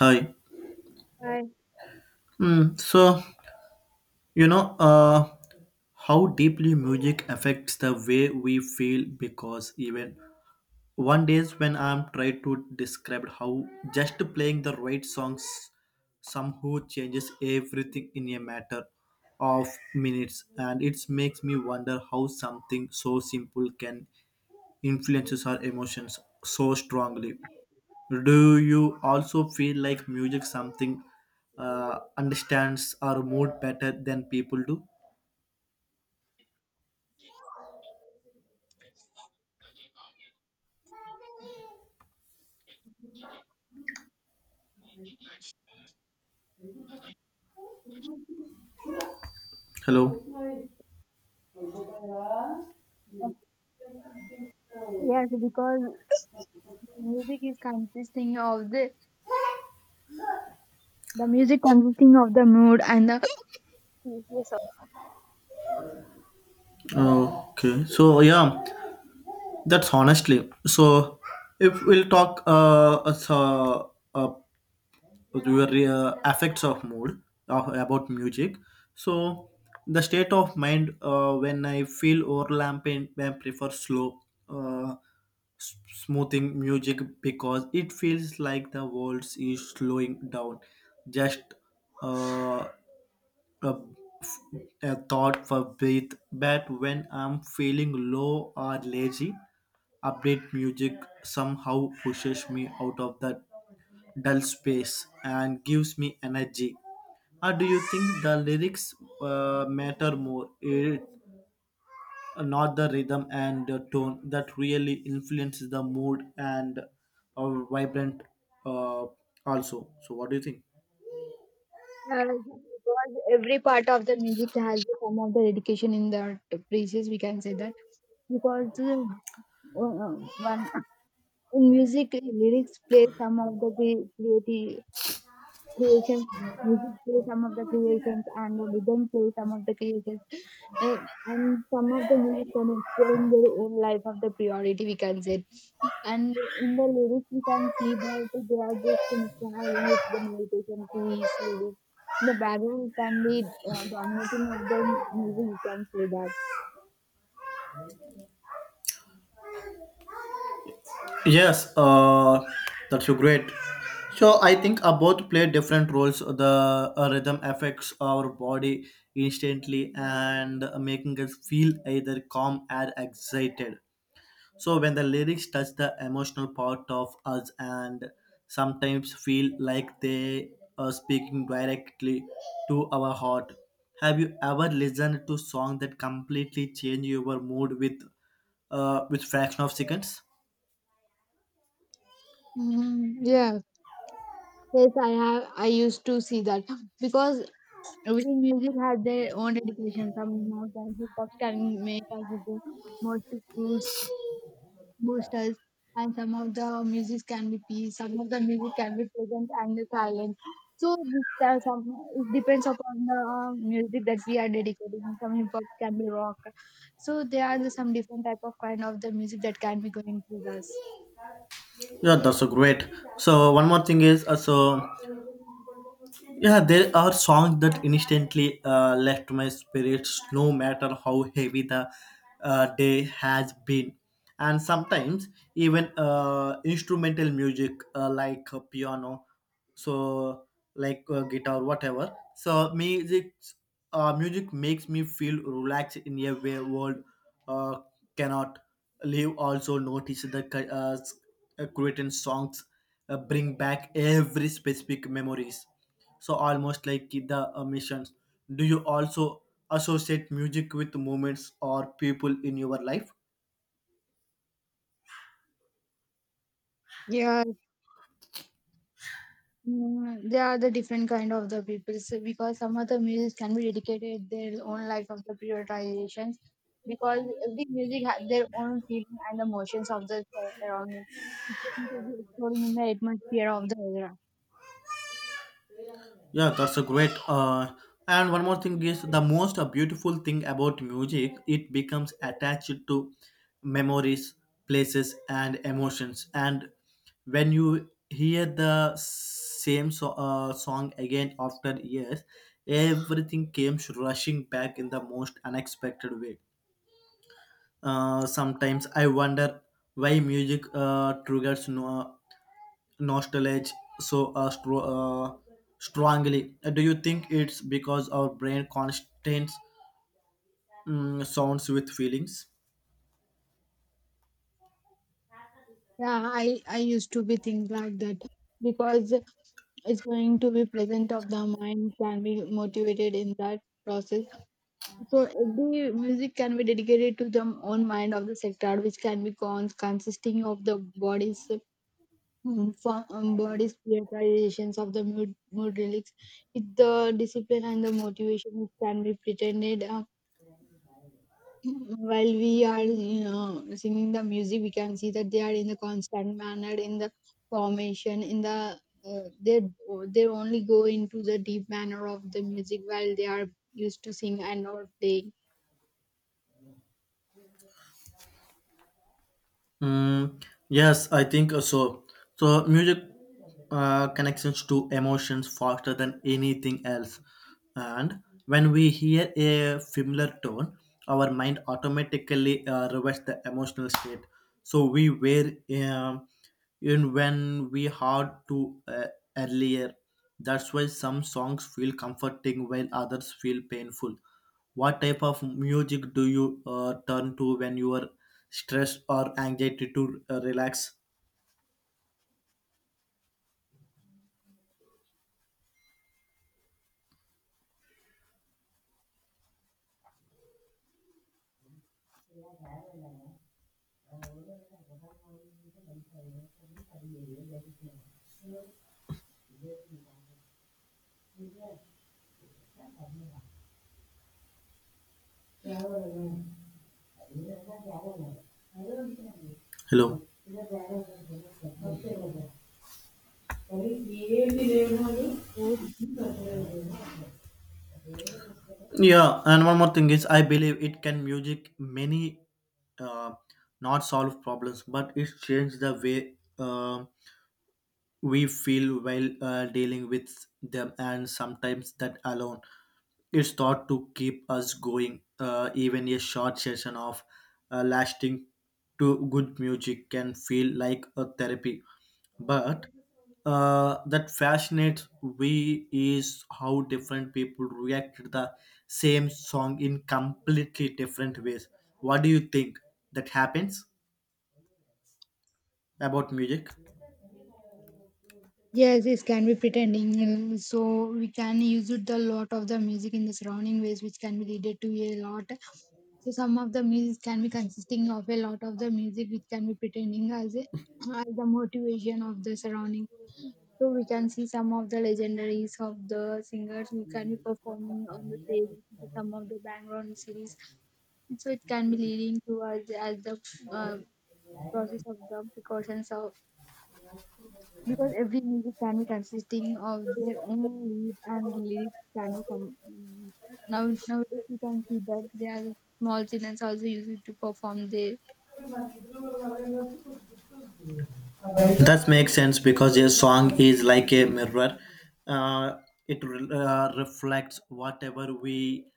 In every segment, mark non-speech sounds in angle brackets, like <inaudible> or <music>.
Hi. Right. Mm, So, you know, uh, how deeply music affects the way we feel because even one days when I'm trying to describe how just playing the right songs somehow changes everything in a matter of minutes, and it makes me wonder how something so simple can influences our emotions so strongly. Do you also feel like music something understands our mood better than people do? Hello. Yes, because music is consisting of the music consisting of the mood and the yes, of- Okay. So yeah, that's honestly. So if we'll talk as a your affects of mood of, about music, so the state of mind when I feel overlapping, I prefer slow, uh, smoothing music because it feels like the world is slowing down just uh, a, a thought for breath. But when I'm feeling low or lazy, upbeat music somehow pushes me out of that dull space and gives me energy. Or do you think the lyrics matter more, it, not the rhythm and the tone that really influences the mood and vibrant uh, also, so what do you think? Because every part of the music has some of the dedication in the praises, we can say that. Because uh, one in music, lyrics play some of the creativity creations, music play some of the creations, and the rhythm play some of the creations. Uh, and some of the music can exploring their own life of the priority, we can say. And in the lyrics, we can see that they are just misbehaving with the meditation piece lyrics. The background can be dominating of the music, we can say that. Yes, that's so great. So I think both play different roles. The rhythm affects our body instantly and making us feel either calm or excited. So when the lyrics touch the emotional part of us, and sometimes feel like they are speaking directly to our heart. Have you ever listened to song that completely change your mood with fraction of seconds? Mm, yeah. Yes, I have. I used to see that because every music has their own dedication. Some of the hip hop can make us with the motive boosts, boosters, and some of the music can be peace. Some of the music can be present and silent. So this some it depends upon the music that we are dedicating. Some hip hop can be rock. So there are some different type of kind of the music that can be going through us. Yeah, that's so great. So one more thing is so yeah, there are songs that instantly lift my spirits, no matter how heavy the day has been. And sometimes even instrumental music, like piano, so like guitar, whatever. So music makes me feel relaxed in a way world uh, cannot live. Also notice the Cretan songs bring back every specific memories, so almost like the missions. Do you also associate music with moments or people in your life? Yeah. Mm, there are the different kind of the people, so because some of the music can be dedicated their own life of the prioritizations, because every music has their own feeling and emotions of the around it. It's going to be exploring in the atmosphere of the era. Yeah, that's a great. And one more thing is the most beautiful thing about music, it becomes attached to memories, places and emotions, and when you hear the same song again after years, everything came rushing back in the most unexpected way. Sometimes I wonder why music triggers nostalgia so strongly. Do you think it's because our brain constantly sounds with feelings? Yeah, I used to be things like that because it's going to be present of the mind, can be motivated in that process. So every music can be dedicated to the own mind of the sector, which can be consisting of the bodies, body's prioritizations of the mood relics. With the discipline and the motivation it can be pretended. <clears throat> While we are singing the music, we can see that they are in the constant manner, in the formation, in the uh, they they only go into the deep manner of the music while they are used to sing and not playing. Mm, yes, I think so. So music connections to emotions faster than anything else, and when we hear a familiar tone, our mind automatically reverts the emotional state. So we were. um in when we heard to earlier. That's why some songs feel comforting while others feel painful. What type of music do you turn to when you are stressed or anxiety to relax? Hello. Yeah, and one more thing is I believe it can music many uh, not solve problems, but it changed the way um we feel while dealing with them, and sometimes that alone is thought to keep us going. Even a short session of lasting to good music can feel like a therapy. But that fascinates we is how different people react to the same song in completely different ways. What do you think that happens about music? Yes, this can be pretending. So we can use it a lot of the music in the surrounding ways, which can be related to a lot. So some of the music can be consisting of a lot of the music, which can be pretending as a as the motivation of the surrounding. So we can see some of the legendaries of the singers who can be performing on the stage, with some of the background series. So it can be leading to us as the uh, process of the precautions of, because every music can be consisting of their own lead, and lyrics can be now nowadays. You can see that there are small children also use it to perform their That makes sense because a song is like a mirror. Uh, it reflects whatever we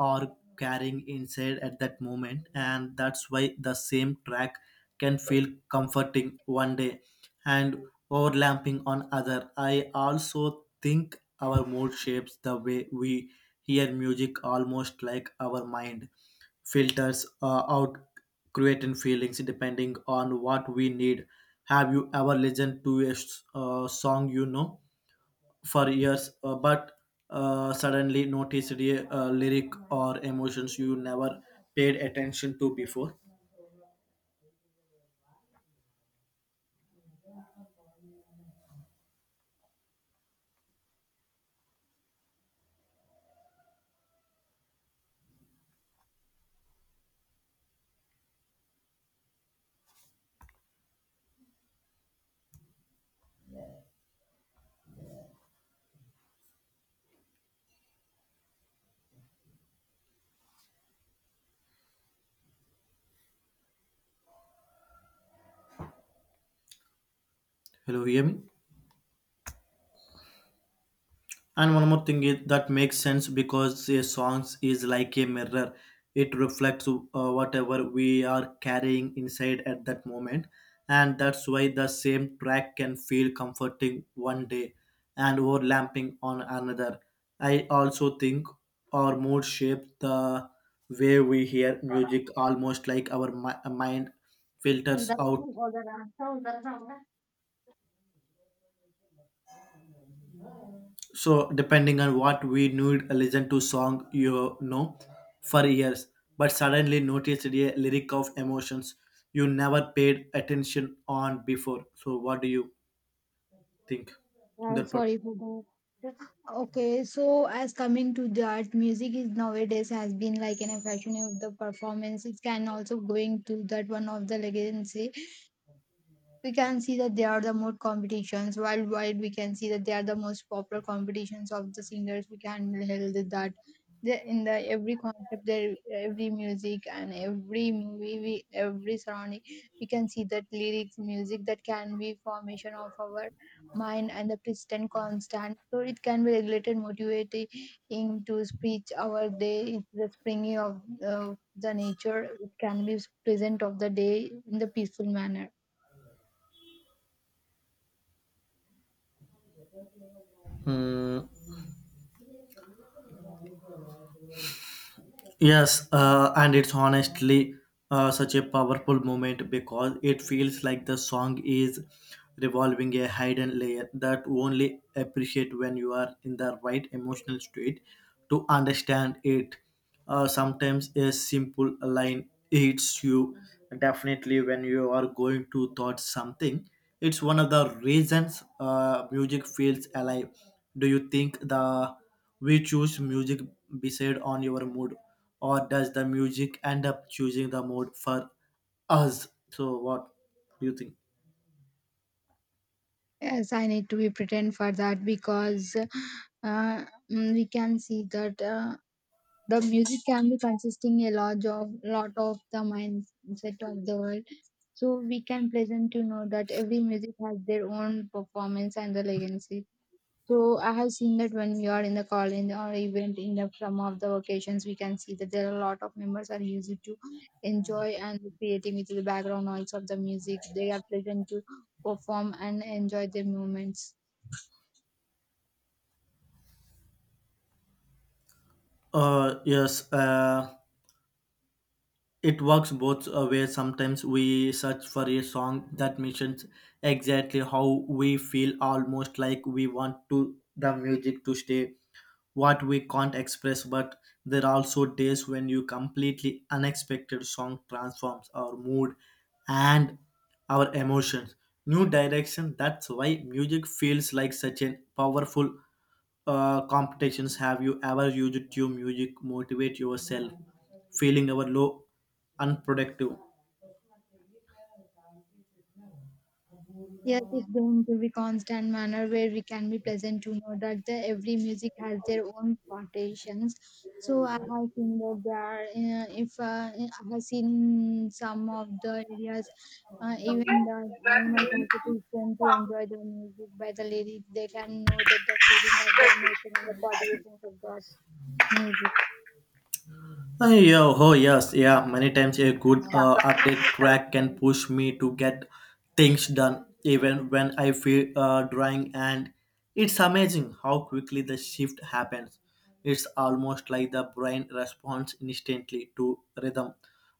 are carrying inside at that moment, and that's why the same track can feel comforting one day and overlapping on other. I also think our mood shapes the way we hear music, almost like our mind filters out, creating feelings depending on what we need. Have you ever listened to a song you know for years, but suddenly noticed a lyric or emotions you never paid attention to before? Hello, hear me? And one more thing is that makes sense because a song is like a mirror. It reflects whatever we are carrying inside at that moment. And that's why the same track can feel comforting one day and overlapping on another. I also think our mood shapes the way we hear music, almost like our mind filters out, uh, so depending on what we need, listen to song you know for years, but suddenly noticed a lyric of emotions you never paid attention on before. So what do you think in that part? sorry for the. Okay, so as coming to that, music is nowadays has been like an fashion of the performance. It can also going to that one of the legacy, we can see that they are the more competitions worldwide, we can see that they are the most popular competitions of the singers, we can held that in the every concept, there every music and every every surrounding, we can see that lyrics, music, that can be formation of our mind and the persistent constant. So it can be regulated motivating to speech our day. It's the springy of the nature. It can be present of the day in the peaceful manner. Hmm. Yes, and it's honestly such a powerful moment because it feels like the song is revolving a hidden layer that you only appreciate when you are in the right emotional state to understand it. Sometimes a simple line hits you definitely when you are going to thought something. It's one of the reasons music feels alive. Do you think the we choose music based on your mood, or does the music end up choosing the mood for us? So, what do you think? Yes, I need to be pretend for that, because uh, we can see that the music can be consisting a lot of the mindset of the world. So we can pleasant to know that every music has their own performance and the legacy. So I have seen that when we are in the college or event in the some of the occasions, we can see that there are a lot of members are used to enjoy and creating with the background noise of the music. They are pleasant to perform and enjoy their moments. Yes. It works both ways. Sometimes we search for a song that mentions exactly how we feel, almost like we want to the music to stay what we can't express. But there are also days when you completely unexpected song transforms our mood and our emotions. New direction. That's why music feels like such a powerful competitions. Have you ever used to music motivate yourself feeling ever low, unproductive? Yes, it's going to be constant manner where we can be pleasant to know that every music has their own quotations. So I have seen that there are, if I have seen some of the areas, even the animal constitution to enjoy the music by the lyrics, they can know that the feeling of the emotion and the quotations of the music. Yeah, oh yes, yeah. Many times a good update track can push me to get things done, even when I feel drawing. And it's amazing how quickly the shift happens. It's almost like the brain responds instantly to rhythm.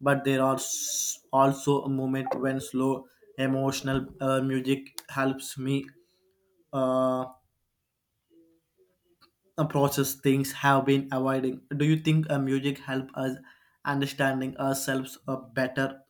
But there are also a moment when slow emotional music helps me. Uh, Process things have been avoiding. Do you think music help us understanding ourselves better?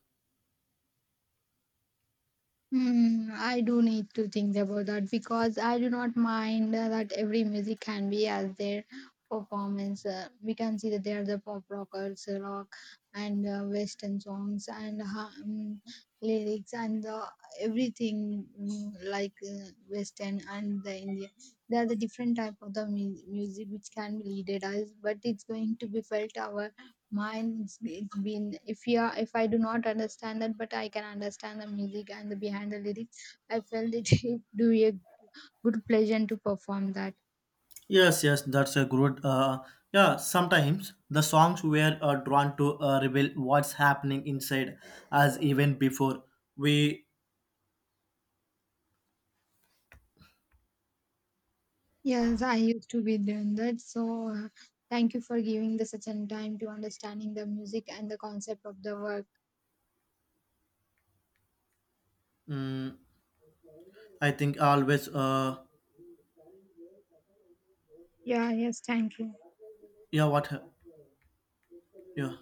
Hmm, I do need to think about that, because I do not mind that every music can be as their performance. We can see that they are the pop rockers, rock and western songs and lyrics and everything like western and the Indian. They are the different type of the music which can be leaded us, but it's going to be felt our mine's. It's been if yeah if I do not understand that, but I can understand the music and the behind the lyrics. I felt it <laughs> it do a good pleasure to perform that. Yes, yes, that's a good. Yeah, sometimes the songs were drawn to reveal what's happening inside as even before we. Yes, I used to be doing that. So thank you for giving the such an time to understanding the music and the concept of the work. mm I think always. Yeah. Yes. Thank you. Yeah, what? Yeah.